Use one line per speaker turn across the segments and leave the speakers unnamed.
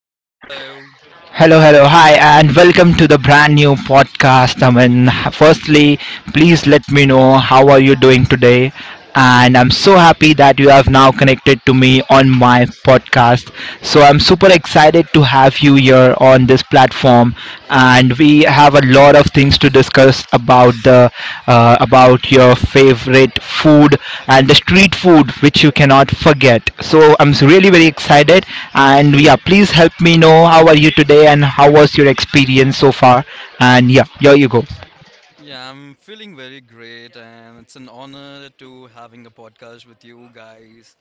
Yes, hello.
Hello, hello. Hi, and welcome to the brand new podcast, Aman. Firstly, please let me know how are you doing today? And I'm so happy that you have now connected to me on my podcast. So I'm super excited to have you here on this platform and we have a lot of things to discuss about the about your favorite food and the street food which you cannot forget. So really very excited, and yeah, please help me know how are you today and how was your experience so far. And yeah, here you go.
Yeah, I'm feeling very great, and it's an honor to having a podcast with you guys.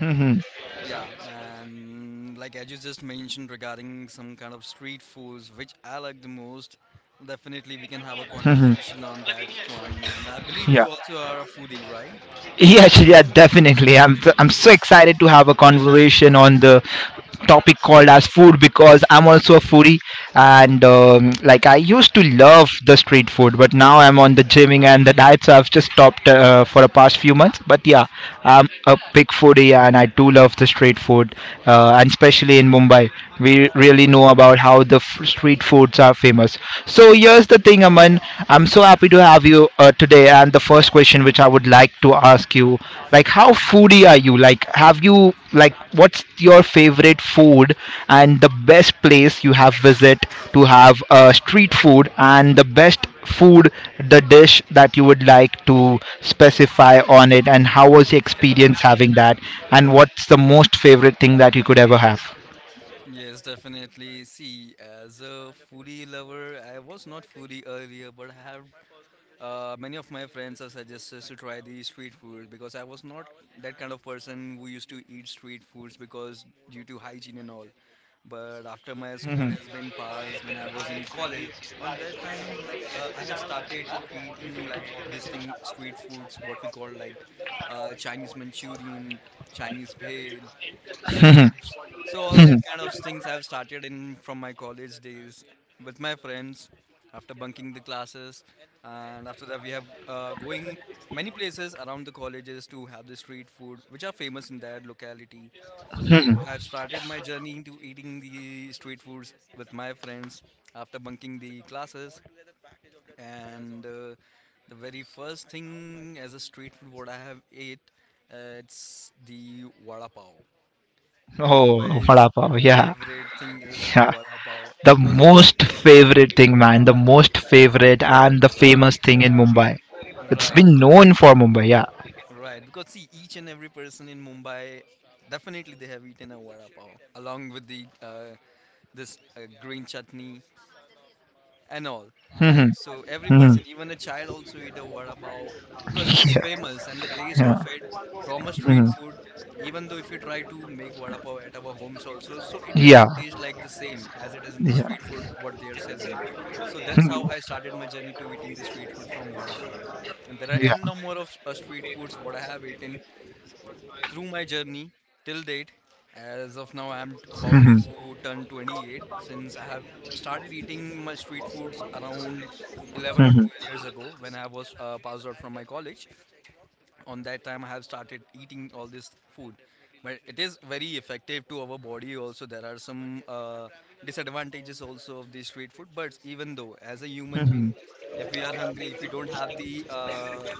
Mhm,
Yeah, and like as you just mentioned regarding some kind of street foods, which I like the most, definitely we can have a
mhm,
conversation on that one. And I believe
yeah.
you also are a foodie, right?
Yeah, definitely. I'm so excited to have a conversation on the topic called as food because I'm also a foodie and like I used to love the street food, but now I'm on the gymming and the diet, so I've just stopped for the past few months. But yeah, I'm a big foodie and I do love the street food, and especially in Mumbai, we really know about how the street foods are famous. So here's the thing, Aman. I'm so happy to have you today. And the first question which I would like to ask you, like, how foodie are you? Like, what's your favorite food and the best place you have visit to have street food and the best food, the dish that you would like to specify on it, and how was your experience having that, and what's the most favorite thing that you could ever have?
Yes, definitely. See, as a foodie lover, I was not foodie earlier, but I have many of my friends have suggested to try the street food because I was not that kind of person who used to eat street foods because due to hygiene and all. But after my school has been passed, when I was in college, on that time, like I have started to eating like all these things, street foods, what we call like Chinese Manchurian, Chinese bhel, soups. So all that kind of things I've started in from my college days with my friends after bunking the classes, and after that we have going many places around the colleges to have the street food which are famous in that locality. So I've started my journey into eating the street foods with my friends after bunking the classes and. The very first thing as a street food what I have ate, it's the vada pav. The
Oh,
Mumbai's
vada pav. Yeah,
favorite thing is
yeah.
vada pav
The most favorite thing, man. The most favorite and the famous thing in Mumbai. It's
right
been
because
known for Mumbai, yeah.
right because see each and every person in Mumbai definitely they have eaten a vada pav along with the this green chutney and all, right?
Hmm.
So every
Hmm.
person, even a child, also eat a vada pav because it is
Yeah.
famous and the taste
Yeah.
of it from a street
Hmm.
food. Even though if you try to make vada pav at our homes also, so it
Yeah.
doesn't taste like the same as it is in the
Yeah.
street food what they are selling. So that's how I started my journey to eating the street food from vada pav. And there are
Yeah.
n number of street foods what I have eaten through my journey till date. As of now, I'm about
Hmm.
to turn 28 since I have started eating my street foods around 11 or 12 years ago when I was passed out from my college. On that time, I have started eating all this food. But it is very effective to our body also. There are some disadvantages also of the street food. But even though, as a human being,
Hmm.
if we are hungry, if we don't have the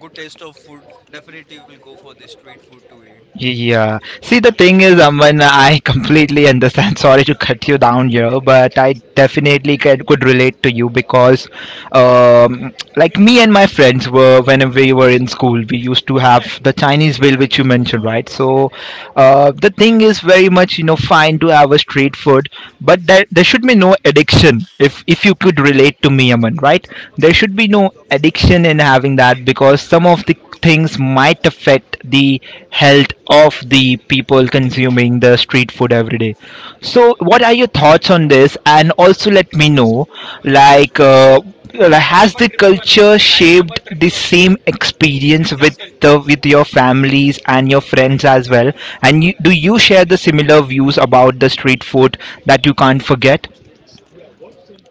good taste of food, definitely we will go for the street food to eat.
Yeah. See, the thing is, Aman, I completely understand. Sorry to cut you down here, but I definitely could relate to you because, like me and my friends were when we were in school, we used to have the Chinese bill, which you mentioned, right? So, the thing is very much you know fine to have a street food, but there should be no addiction. If you could relate to me, Aman, right? There should be no addiction in having that because some of the things might affect the health of the people consuming the street food every day. So what are your thoughts on this, and also let me know like uh, has the culture shaped the same experience with your families and your friends as well, and you, do you share the similar views about the street food that you can't forget?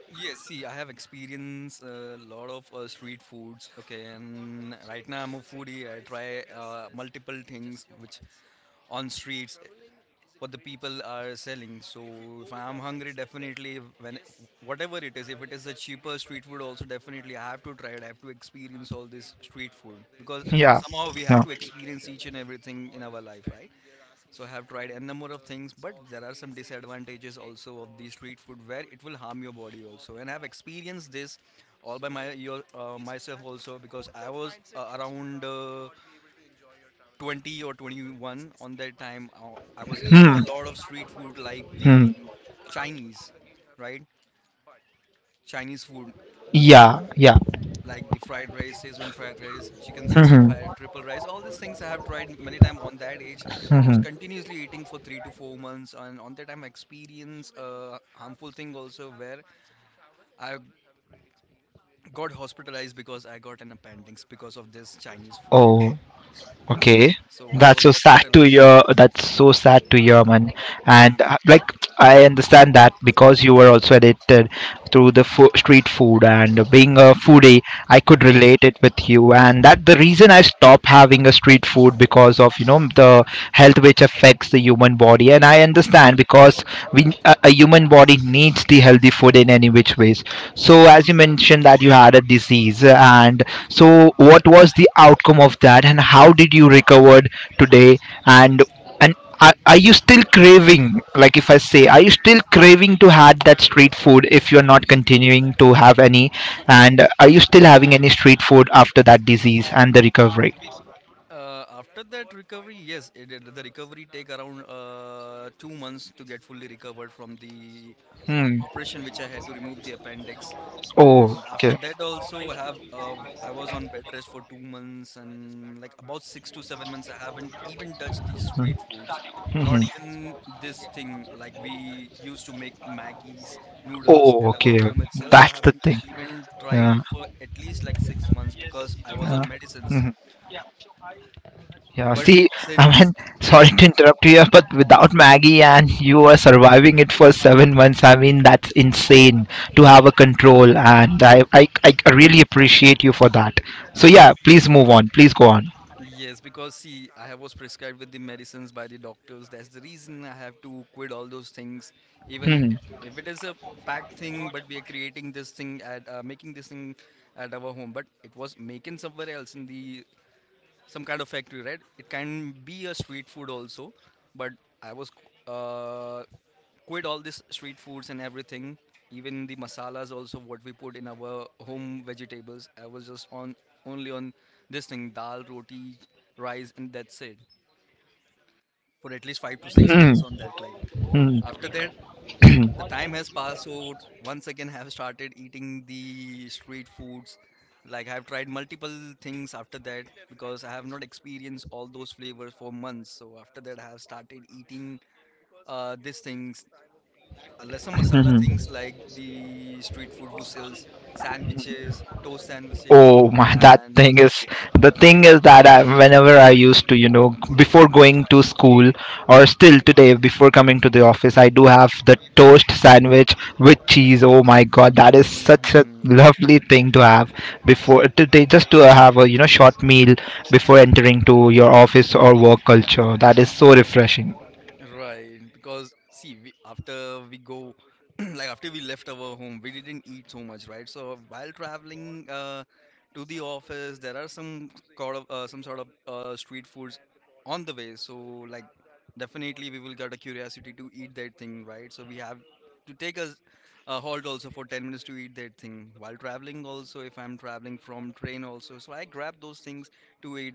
Yes, see, I have experienced a lot of street foods. Okay, and right now I'm a foodie. I try multiple things which on streets what the people are selling. So if I'm hungry, definitely when whatever it is, if it is a cheaper street food, also definitely I have to try it. I have to experience all this street food because
Yeah,
somehow we have
yeah.
to experience each and everything in our life, right? So I have tried a number of things, but there are some disadvantages also of the street food where it will harm your body also. And I've experienced this all by myself also because I was around 20 or 21 on that time. I was eating a
Hmm,
lot of street food like
hmm.
the Chinese, right? Chinese food.
Yeah, yeah.
Like the fried rice, Szechuan fried rice, chicken 65, triple rice. All these things I have tried many times on that age. I was continuously eating for 3 to 4 months, and on that time I experienced a harmful thing also where I got hospitalized because I got an appendix because of this Chinese food.
Oh.
Yeah.
Okay,
So I
that's
was
so sad
hospital.
to hear. That's so sad to hear, man. And
hmm
like, I understand that because you were also addicted through the street food, and being a foodie, I could
hmm
relate it with you. And that the reason I stopped having a street food because of you know the health which affects the human body. And I understand because a human body needs the healthy the food in any which ways. So as you mentioned that you had a disease, and so what was the outcome of that and how did you recovered today, and and are you still craving, like if I say are you still craving to had that street food if you're not continuing to have any, and are you still having any street food after that disease and the recovery?
after that recovery, yes, the recovery take around 2 months to get fully recovered from the
Hmm.
operation which I had to remove the appendix.
Oh,
And after
okay.
that also I was on bed rest for 2 months and like about 6 to 7 months I haven't even touched these street foods. Not
Mm-hmm.
even this thing like we used to make Maggie's noodles
Oh,
at our
okay.
home itself. So I
That's the
haven't
thing.
even tried
Yeah.
for at least like 6 months because I was
Yeah.
on medicines.
Hmm. Yeah,
But
see, I
since
mean, sorry to
Mhm.
interrupt you, but without Maggie and you are surviving it for 7 months, I mean, that's insane to have a control, and I really appreciate you for that. So, yeah, please move on. Please go on.
Yes, because see, I was prescribed with the medicines by the doctors. That's the reason I have to quit all those things. Even
Hmm.
if it is a packed thing, but we are creating this thing at making this thing at our home, but it was making somewhere else in the some kind of factory, right? It can be a street food also, but I was uh, quit all this street foods and everything, even the masalas also what we put in our home vegetables. I was just on only on this thing dal, roti, rice, and that's it for at least five to six
Hmm.
months on that. Like
Hmm.
after that, the time has passed so once again have started eating the street foods like I've tried multiple things after that because I have not experienced all those flavors for months so after that I have started eating these things lesser masala
Hmm.
things like the street food who sells sandwiches toast sandwiches
Oh my, that
and
thing is the thing is that I, whenever I used to, you know, before going to school or still today before coming to the office, I do have the toast sandwich with cheese. Oh my god, that is such a
mhm,
lovely thing to have before today just to have a, you know, short meal before entering to your office or work culture. That is so refreshing.
Right, because see, we, after we go, like after we left our home, we didn't eat so much, right? So while traveling to the office, there are some sort of street foods on the way. So like, definitely we will get a curiosity to eat that thing, right? So we have to take a halt also for 10 minutes to eat that thing while traveling also if I'm traveling from train also so I grab those things to eat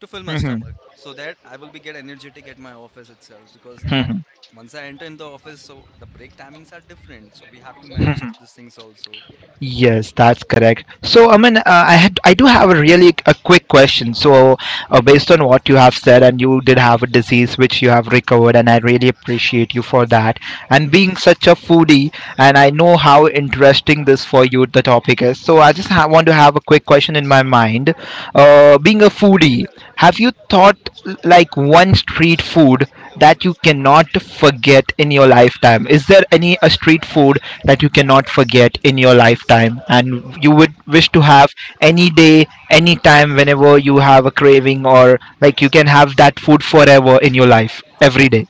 to fill my
Hmm.
stomach so that I will be get energetic at my office itself because af once I enter in the office, so the break timings are different. So we have to manage all these things also.
Yes, that's correct. So, I mean, I do have a really a quick question. So, based on what you have said, and you did have a disease which you have recovered, and I really appreciate you for that. And
hmm
being such a foodie, and I know how interesting this for you the topic is. So, I just want to have a quick question in my mind. Being a foodie, have you thought like one street food that you cannot forget in your lifetime? Is there any a street food that you cannot forget in your lifetime and you would wish to have any day, any time whenever you have a craving, or like you can have that food forever in your life every day?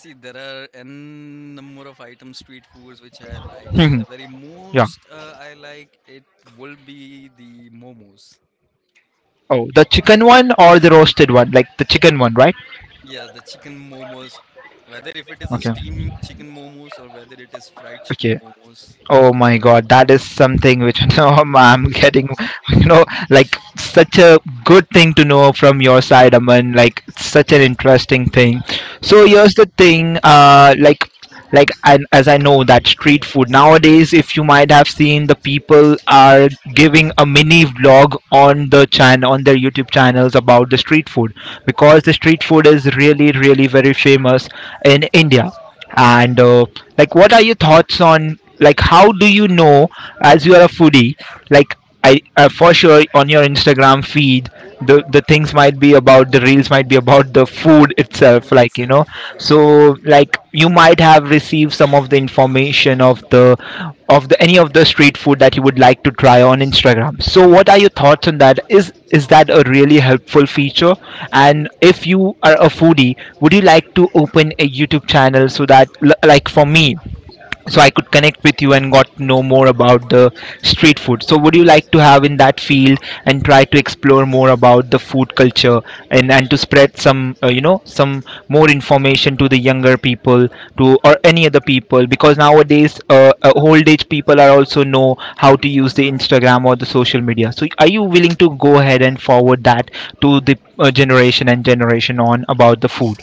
See, there are n number of items, street foods which I like, but the
Yeah.
very most I like it will be the momos.
Oh, the chicken one or the roasted one? Like the chicken one, right?
Yeah, the chicken momos. Whether if it is a
Okay.
steam chicken momos or whether it is fried chicken
Okay.
momos.
Oh my god, that is something which no, I'm getting, you know, like such a good thing to know from your side, Aman. Like such an interesting thing. So
Right.
here's the thing, like and as I know that street food nowadays, if you might have seen, the people are giving a mini vlog on the channel on their YouTube channels about the street food because the street food is really, really very famous in India. And like, what are your thoughts on like how do you know, as you are a foodie, like I for sure on your Instagram feed, the things might be about the reels, might be about the food itself,
Food
like you know.
itself, right.
So like you might have received some of the information of the any of the street food that you would like to try on Instagram. So what are your thoughts on that? Is that a really helpful feature? And if you are a foodie, would you like to open a YouTube channel so that like for me, so I could connect with you and got to know more about the street food. So would you like to have in that field and try to explore more about the food culture, and to spread some you know some more information to the younger people to, or any other people, because nowadays old age people are also know how to use the Instagram or the social media. So are you willing to go ahead and forward that to the generation and generation on about the food?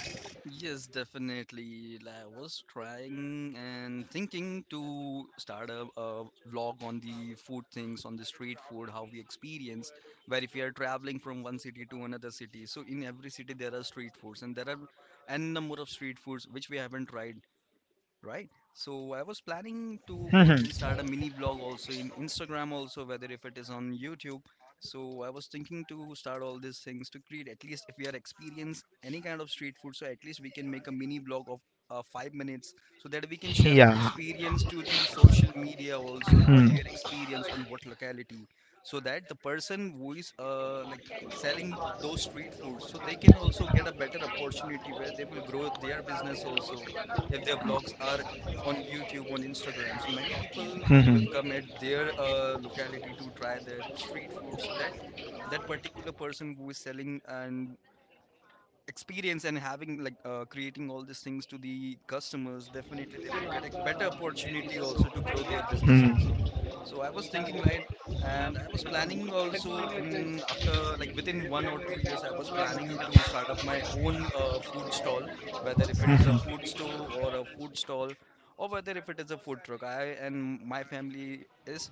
Yes, definitely. Like, I was trying and thinking to start a vlog on the food things, on the street food, how we experience, where if we are traveling from one city to another city. So in every city there are street foods and there are n number of street foods which we haven't tried right? So I was planning to go ahead
Mhm.
and start a mini vlog also in Instagram also, whether if it is on YouTube. So I was thinking to start all these things to create at least if we are experienced any kind of street food, so at least we can make a mini vlog of 5 minutes so that we can share our
Yeah.
experience to the social media also what
Hmm.
we are experienced on what locality so that the person who is like selling those street foods so they can also get a better opportunity where they will grow their business also if their vlogs are on YouTube, on Instagram. So many people will
Mhm.
come at their locality to try their street food. So that that particular person who is selling and experience and having like creating all these things to the customers definitely they will get a better opportunity also to grow their business also
Hmm.
so I was thinking like and I was planning also in after like within 1 or 2 years I was planning to start up my own food stall whether if it is a
Mhm.
food store or a food stall or whether if it is a food truck I and my family is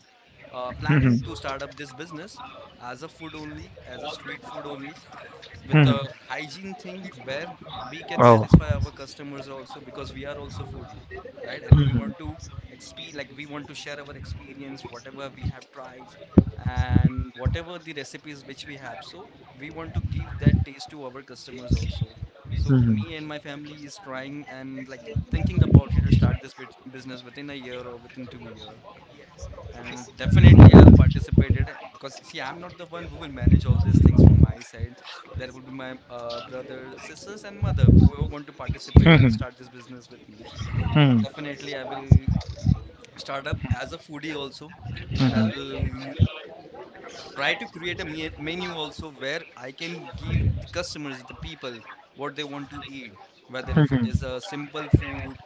planning
Mhm.
to start up this business as a food only as a street food only with
Mhm.
a hygiene thing where we can
Oh.
satisfy our customers also because we are also foodie right and we want to exp like we want to share our experience whatever we have tried and whatever the recipes which we have so we want to give that taste to our customers also so
Mhm.
me and my family is trying and like thinking about it to start this bit business within a year or within 2 year and definitely, I'll participate it because see, I'm not the one who will manage all these things from my side. There will be my brother, sisters, and mother who want to participate and
Mhm.
start this business with me.
Mhm.
Definitely, I will start up as a foodie also, and I
Mhm.
will try to create a menu also where I can give the customers, the people, what they want to eat. Whether if it
Mhm.
is a simple food,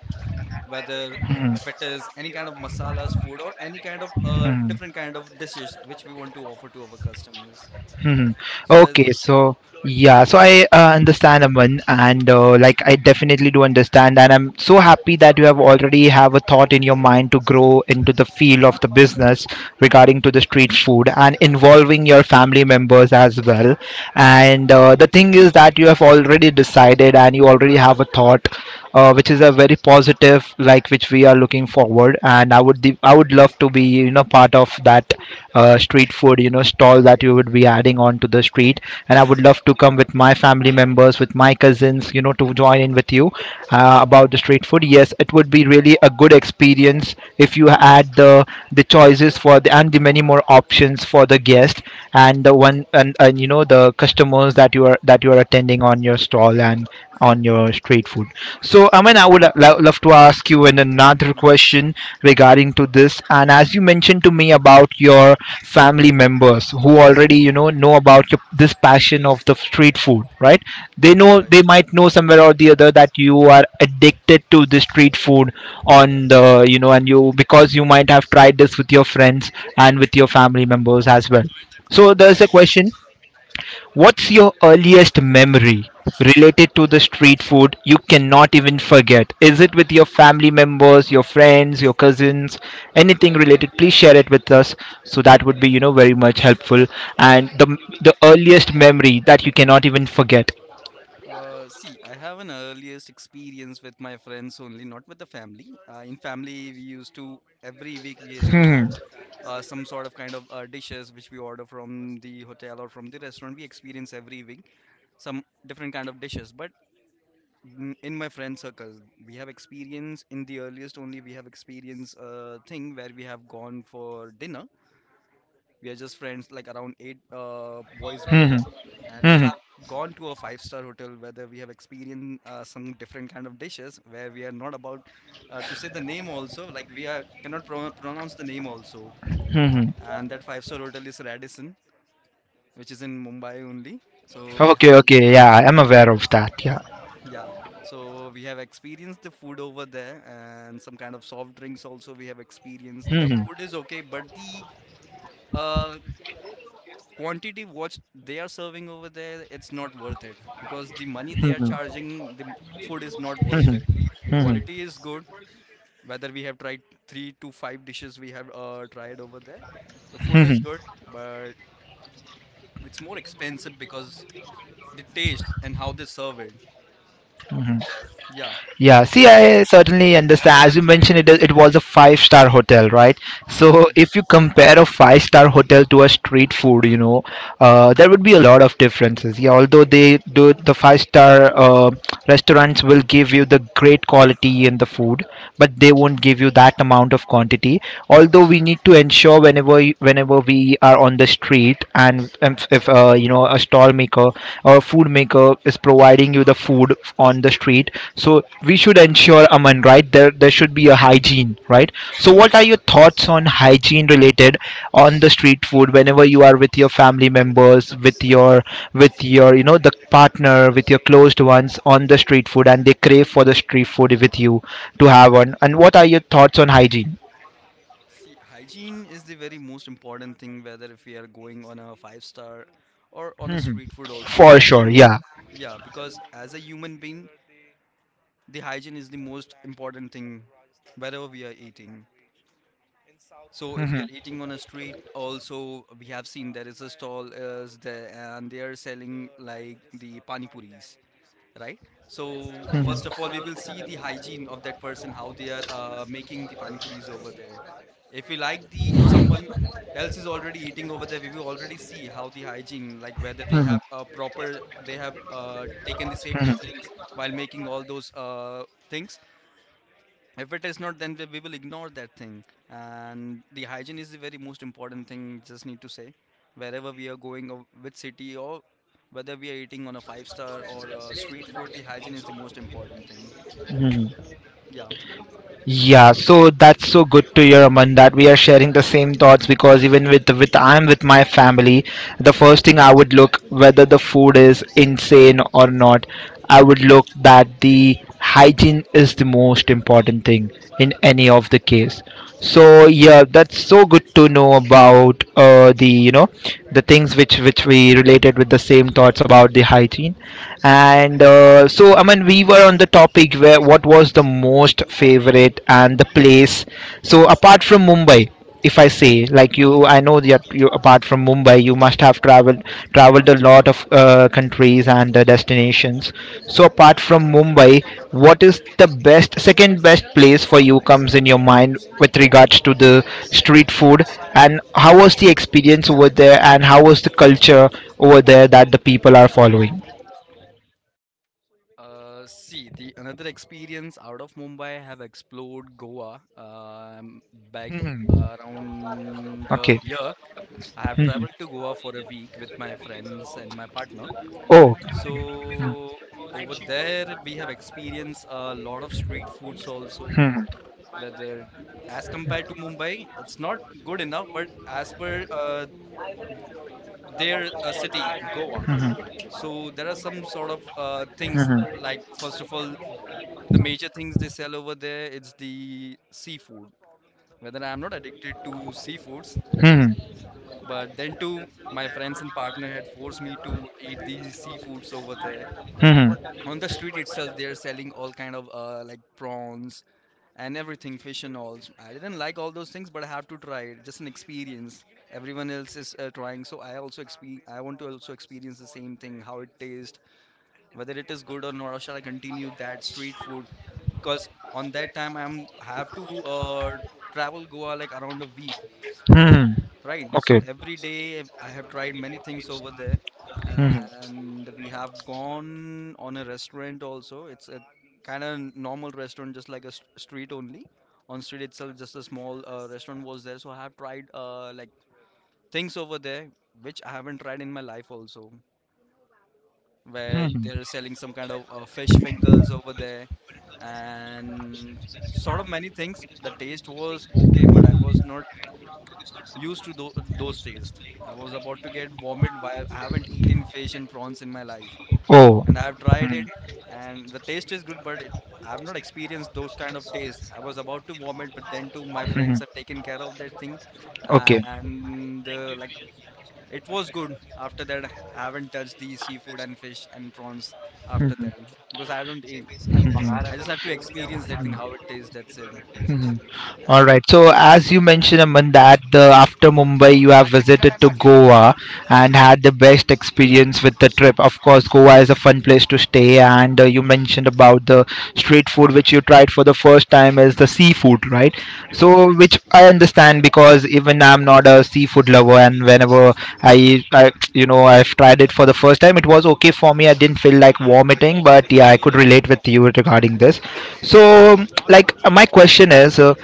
whether
Mhm.
if it is any kind of masalas food or any kind of
Mhm.
different kind of dishes which we want to offer to our customers
Mhm.
so as,
Okay, so yeah, so I understand, Aman, and like I definitely do understand, and I'm so happy that you have already have a thought in your mind to grow into the field of the business regarding to the street food and involving your family members as well. And the thing is that you have already decided, and you already have a thought, which is a very positive, like which we are looking forward. And I would love to be you know part of that street food you know stall that you would be adding on to the street, and I would love to come with my family members, with my cousins, you know, to join in with you about the street food. Yes, it would be really a good experience if you add the choices for the and the many more options for the guest and the one, and you know the customers that you are attending on your stall and on your street food. So, I mean, I would love to ask you
mhm.
another question regarding to this. And as you mentioned to me about your family members who already, you know about your, this passion of the street food, right? They
Right,
know they might know somewhere or the other that you are addicted to the street food on the, you know, and you because you might have tried this with your friends and with your family members as well. So there's
right.
a question. What's your earliest memory related to the street food you cannot even forget? Is it with your family members, your friends, your cousins, anything related? Please share it with us. So that would be, you know, very much helpful. And the earliest memory that you cannot even forget.
See, I have an earliest experience with my friends only, not with the family. In family we used to, every week we used to have
Hmm.
some sort of kind of dishes which we order from the hotel or from the restaurant. We experience every week some different kind of dishes, but in my friend circle we have experience in the earliest only. We have experience thing where we have gone for dinner. We are just friends, like around 8 boys we are
Hmm.
there, and we
Hmm. Hmm.
have gone to a five-star hotel whether we have experienced some different kind of dishes where we are not about to say the name also, like we are cannot pronounce the name also.
Hmm, hmm.
And that five-star hotel is Radisson, which is in Mumbai only. So we
Okay.
have,
Okay. Yeah, I'm aware of that. Yeah.
yeah, so we have experienced the food over there, and some kind of soft drinks also we have experienced.
Hmm.
The
Hmm. Hmm.
food is okay, but the uh, quantity what they are serving over there, it's not worth it, because the money they are charging, the food is not worth it. The
Hmm, hmm,
quality is good, whether we have tried three to five dishes we have tried over there. The food is
hmm.
good, but it's more expensive because the taste and how they serve it. Yeah,
Yeah,
so
see,
this is
I certainly understand. As you mentioned, it was a five-star hotel, right? So,
right.
if you compare a five-star hotel to a street food. There would be a lot of differences. Yeah, although they do the five star restaurants will give you the great quality in the food, but they won't give you that amount of quantity. Although we need to ensure whenever we are on the street and if a stall maker or a food maker is providing you the food on the street, so we should ensure, Aman, right, there should be a hygiene, right? So what are your thoughts on hygiene related on the street food whenever you are with your family members, with your with your, you know, the partner, with your closed ones on the street food, and they crave for the street food with you to have on? And what are your thoughts on hygiene?
See, hygiene is the very most important thing, whether if we are going on a five star or on a
Mhm.
street food also.
For sure,
Hygiene is,
yeah.
yeah, because as a human being, the hygiene is the most important thing, wherever we are eating. So if you
Mhm.
are eating on a street, also we have seen there is a stall is there and they are selling like the pani puris, right? So first
Mhm.
of all, we will see the hygiene of that person, how they are making the pani puris over there. If we like the, if someone else is already eating over there, we will already see how the hygiene, like whether they
Mhm.
have a proper, they have taken the safety
Mhm.
things while making all those things. If it is not, then we will ignore that thing. And the hygiene is the very most important thing, just need to say, wherever we are going, or which city, or whether we are eating on a five star or a street food, the hygiene is the most important thing,
Mhm.
yeah.
Yeah, so that's so good to hear, Aman, that we are sharing the same thoughts, because even with I'm with my family, the first thing I would look whether the food is insane or not. I would look that the hygiene is the most important thing in any of the case. So yeah, that's so good to know about the you know the things which we related with the same thoughts about the hygiene, and so, Aman, we were on the topic where what was the most favorite and the place. So apart from Mumbai, if I say like you, I know that you, apart from Mumbai, you must have traveled a lot of countries and destinations. So apart from Mumbai, what is the best second best place for you comes in your mind with regards to the street food, and how was the experience over there, and how was the culture over there that the people are following?
See, the another experience out of Mumbai, I have explored Goa, um, back around a
Okay.
year. I have
Mhm.
traveled to Goa for a week with my friends and my partner.
Oh.
So over there we have experienced a lot of street foods also. Whether as compared to Mumbai, it's not good enough, but as per their city, Goa,
Mhm.
so there are some sort of things,
Mhm.
like first of all, the major things they sell over there, it's the seafood. Whether I'm not addicted to seafoods,
Mhm.
but then too, my friends and partner had forced me to eat these seafoods over there.
Mhm.
On the street itself, they're selling all kind of like prawns and everything, fish and all. I didn't like all those things, but I have to try it, just an experience. Everyone else is trying, so I also exp. I want to also experience the same thing, how it tastes, whether it is good or not, or shall I continue that street food, because on that time I'm have to travel Goa like around a week,
Mhm.
right? So
Okay.
every day I have tried many things over there,
Mhm.
and we have gone on a restaurant also. It's a kind of normal restaurant, just like a street only. On street itself, just a small restaurant was there. So I have tried like things over there which I haven't tried in my life also, where they're selling some kind of fish fingers over there, and sort of many things. The taste was okay, but I was not used to those tastes. I was about to get vomit. Why I haven't eaten fish and prawns in my life,
Oh.
and I have tried it, and the taste is good, but it, I have not experienced those kind of taste. I was about to vomit, but then too my friends
Mhm.
have taken care of that thing,
Okay.
and like it was good. After that, I haven't touched the seafood and fish and prawns after
Mhm.
that, because I don't eat. I just have to experience that thing how it tastes. That's it.
Mhm.
Uh,
All right. So as you mentioned, Aman, that the, after Mumbai you have visited to Goa and had the best experience with the trip. Of course, Goa is a fun place to stay, and you mentioned about the street food which you tried for the first time is the seafood, right?
right,
So which I understand, because even I'm not a seafood lover, and whenever I've tried it for the first time, it was okay for me. I didn't feel like vomiting, but yeah, I could relate with you regarding this. So like my question is.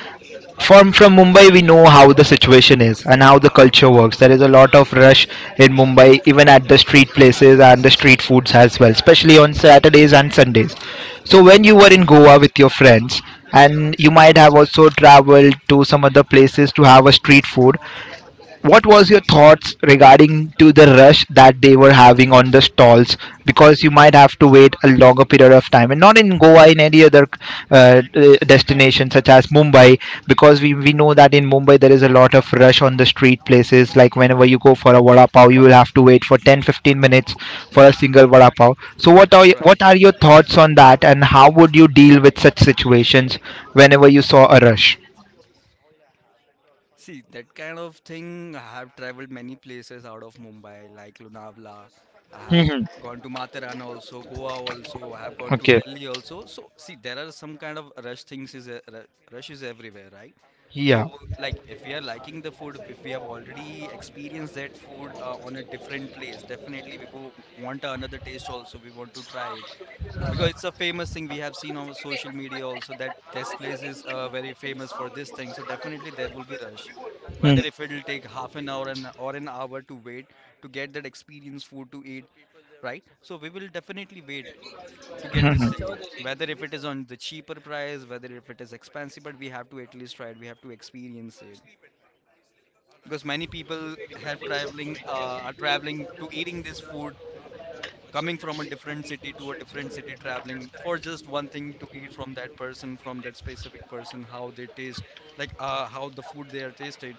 From Mumbai, we know how the situation is and how the culture works. There is a lot of rush in Mumbai, even at the street places and the street foods as well, especially on Saturdays and Sundays. So when you were in Goa with your friends, and you might have also traveled to some other places to have a street food, what was your thoughts regarding to the rush that they were having on the stalls, because you might have to wait a longer period of time and not in Goa, in any other destination such as Mumbai? Because we know that in Mumbai there is a lot of rush on the street places, like whenever you go for a vada pav you will have to wait for 10, 15 minutes for a single vada pav. So what are what
right.
are your thoughts on that, and how would you deal with such situations whenever you saw a rush?
See, that kind of thing, I have traveled many places out of Mumbai, like Lonavala. I have
Mhm.
gone to Matheran also, Goa also. I have gone to
Okay.
Delhi also. So, see, there are some kind of rush things is rush is everywhere, right?
Yeah.
So, like, if we are liking the food, if we have already experienced that food on a different place, definitely we will want another taste also. We want to try it because it's a famous thing. We have seen on social media also that this place is very famous for this thing, so definitely there will be rush, whether if it'll take half an hour and or an hour to wait to get that experience food to eat, right? So we will definitely wait to get this
Hmm.
thing, whether if it is on the cheaper price, whether if it is expensive, but we have to at least try it, we have to experience it, because many people have traveling are traveling to eating this food, coming from a different city to a different city, traveling for just one thing to eat from that person, from that specific person, how they taste, like how the food they are tasted.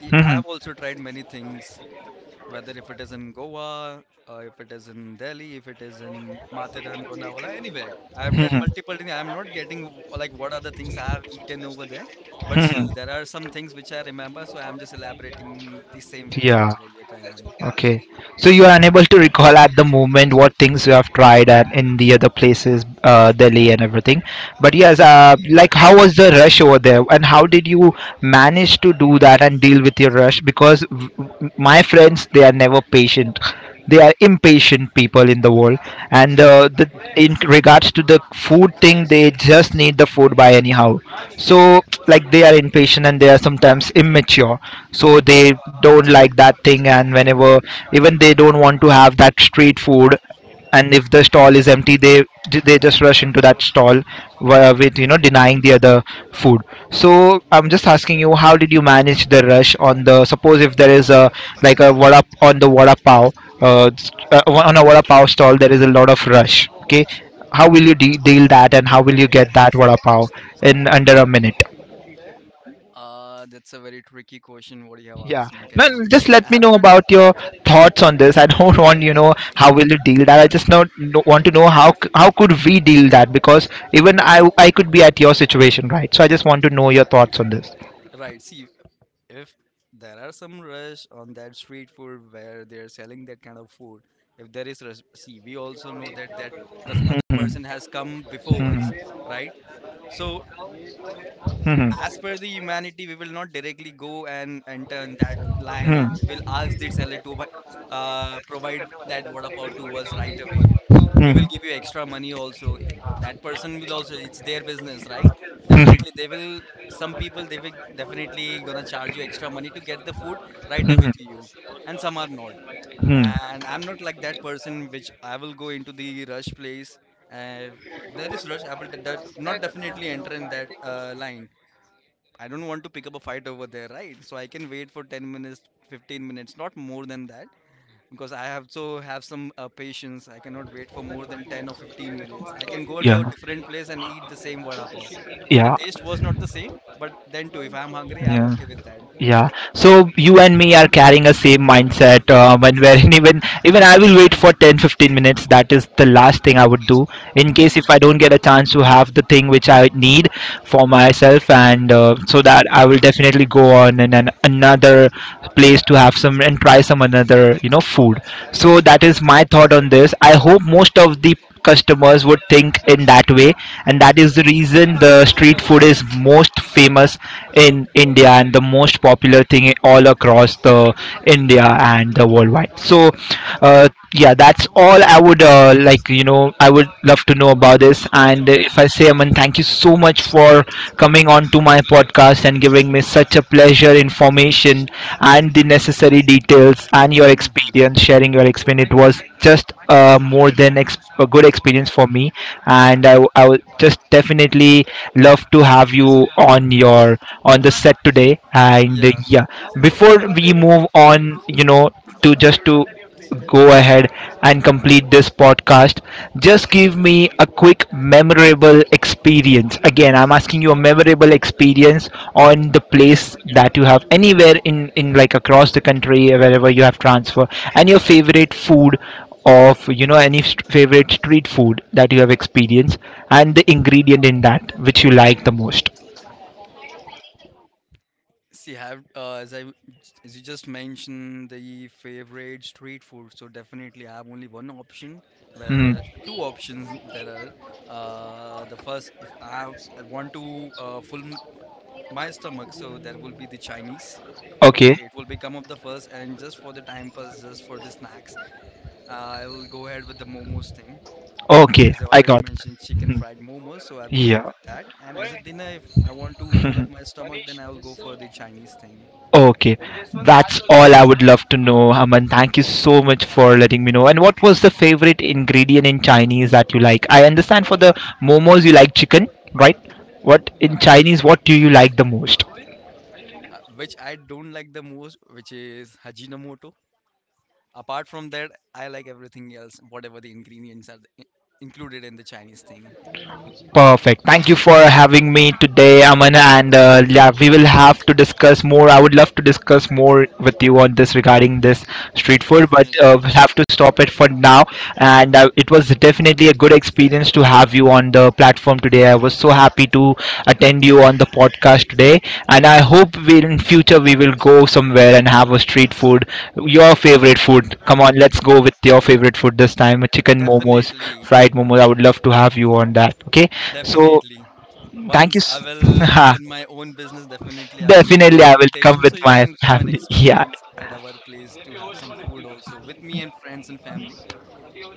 I
Mhm,
have also tried many things, whether if it is in Goa, if it is in Delhi, if it is in Matheran, Lonavala, anyway, I have tried
mhm,
multiple things. I am not getting like what are the things I have eaten over there, but still
mhm.
there are some things which I remember. So I am just elaborating the same with you,
Yeah,
over here, Kayan.
okay. So you are unable to recall at the moment what things you have tried at in the other places, Delhi and everything. But yes, like how was the rush over there, and how did you manage to do that and deal with your rush? Because my friends, they are never patient. They are impatient people in the world, and the in regards to the food thing, they just need the food by anyhow. So like they are impatient, and they are sometimes immature, so they don't like that thing, and whenever, even they don't want to have that street food, and if the stall is empty, they just rush into that stall with, you know, denying the other food. So I'm just asking you, how did you manage the rush on the, suppose if there is a like a vada on the vada pav on a vada pav stall, there is a lot of rush, okay? How will you deal that, and how will you get that vada pav in under a minute?
That's a very tricky question what you have
Yeah.
asked me,
Man,
Kayan.
just
See, I
let me
have
know
not.
about your thoughts on this. I don't want, you know, how will you deal that. I just not no, want to know how how could we deal that, because even I could be at your situation, right? So I just want to know your thoughts on this.
Right, see, if there are some rush on that street food where they are selling that kind of food, if there is rush, see, we also know that the other person has come before us,
Mhm.
right? So
Mhm.
as
Mhm.
per the humanity, we will not directly go and enter in that line, and we will
Mhm.
ask the seller to provide that vada pav to us right away. We will give you extra money also. That person will also. It's their business, right?
Mhm.
Definitely, they will. Some people, they will definitely gonna charge you extra money to get the food right
Mhm.
away
Mhm.
to you, and some are not.
Mhm.
And I'm not like that person which I will go into the rush place. uh, there is rush, I will not definitely enter in that line. I don't want to pick up a fight over there, right? So I can wait for 10 minutes, 15 minutes, not more than that, because I have to have some patience. I cannot wait for more than 10 or 15 minutes. I can go
Yeah.
to a different place and eat the same vada pav, but the
Yeah.
taste was not the same. But then too, if I'm hungry, I'm
Yeah.
okay with that.
Yeah. So you and me are carrying a same mindset, and wherein even I will wait for 10, 15 minutes. That is the last thing I would do in case
Hmm.
if I don't get a chance to have the thing which I need for myself, and so that I will definitely go on another place to have some and try some another, you know, food. So that is my thought on this. I hope most of the customers would think in that way, and that is the
Right.
reason the street food is most famous in India and the most popular thing all across the India and the worldwide. So, uh, yeah, that's all I would like. You know, I would love to know about this. And
Hmm.
if I say, Aman, thank you so much for coming on to my podcast and giving me such a pleasure, information, and the necessary details and your
Hmm.
experience, sharing your experience. It was just a good experience for me, and I would just definitely love to have you on your are on the set today. And
Yeah.
yeah, before we move on, you know, to just to go ahead and complete this podcast, just give me a quick memorable experience. Again, I'm asking you a memorable experience on the place that you have anywhere in like across the country, wherever you have transfer, and your favorite food of, you know, favorite street food that you have experienced, and the ingredient in that which you like the most.
See, have as I, as you just mentioned the favorite street food, so definitely I have only one option.
Hmm.
Whether two options there are. The first, if I want to fill my stomach, so there will be the Chinese. Okay,
Okay.
it will become of the first, and just for the time pass, just for the snacks, I will go ahead with the momos thing. Okay,
Okay.
as I
I
already
got.
mentioned, chicken
Mhm.
fried momos, so I will go
Yeah.
with that. And as a dinner, if I want to fill up
Mhm.
my stomach, then I will go for the Chinese thing.
Okay. That's all I would love to know, Aman. Thank you so much for letting me know. And what was the favorite ingredient in Chinese that you like? I understand for the momos you like chicken, right? What in Chinese, what do you like the most?
Which I don't like the most, which is Hajinomoto. Apart from that, I like everything else, whatever the ingredients are included in the Chinese thing.
Perfect. Thank you for having me today, Aman. And yeah, we will have to discuss more. I would love to discuss more with you on this regarding this street food, but
Definitely,
we'll have to stop it for now. And it was definitely a good experience to have you on the platform today. I was so happy to attend you on the podcast today, and I hope we in future we will go somewhere and have a street food, your favorite food. Come on, let's go with your favorite food this time, a chicken momos,
definitely,
fried momos. I would love to have you on that. Okay, so
definitely.
thank
Once
you.
I will open my own business, definitely I will give you an
Definitely, I will come
invitation so
with
you
my
can come and
family. Yeah.
experience at our place to have some food also with me and friends and family.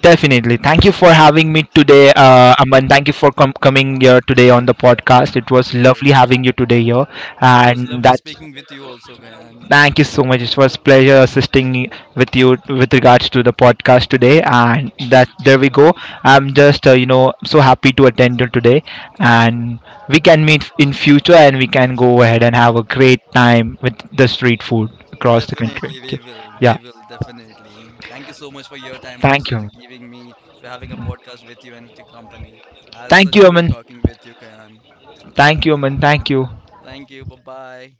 Definitely. Thank you for having me today,
And
Aman. Thank you for coming here today on the podcast. It was lovely
yes,
having you today here,
it was
and
lovely
that
speaking with you also, Kayan.
Thank you so much. It was pleasure assisting with you with regards to the podcast today, and that there we go. I'm just so happy to attend you today, and we can meet in future, and we can go ahead and have a great time with the street food across the country.
Definitely, we
Okay.
will. We
Yeah.
will definitely. Thank you so much for your time,
Thank
also to
you.
giving me to having a podcast with you and with your company. Has
Thank
such
you,
great
Aman.
talking with you, Kayan.
Thank you, Aman. Thank you.
Thank you. Bye bye.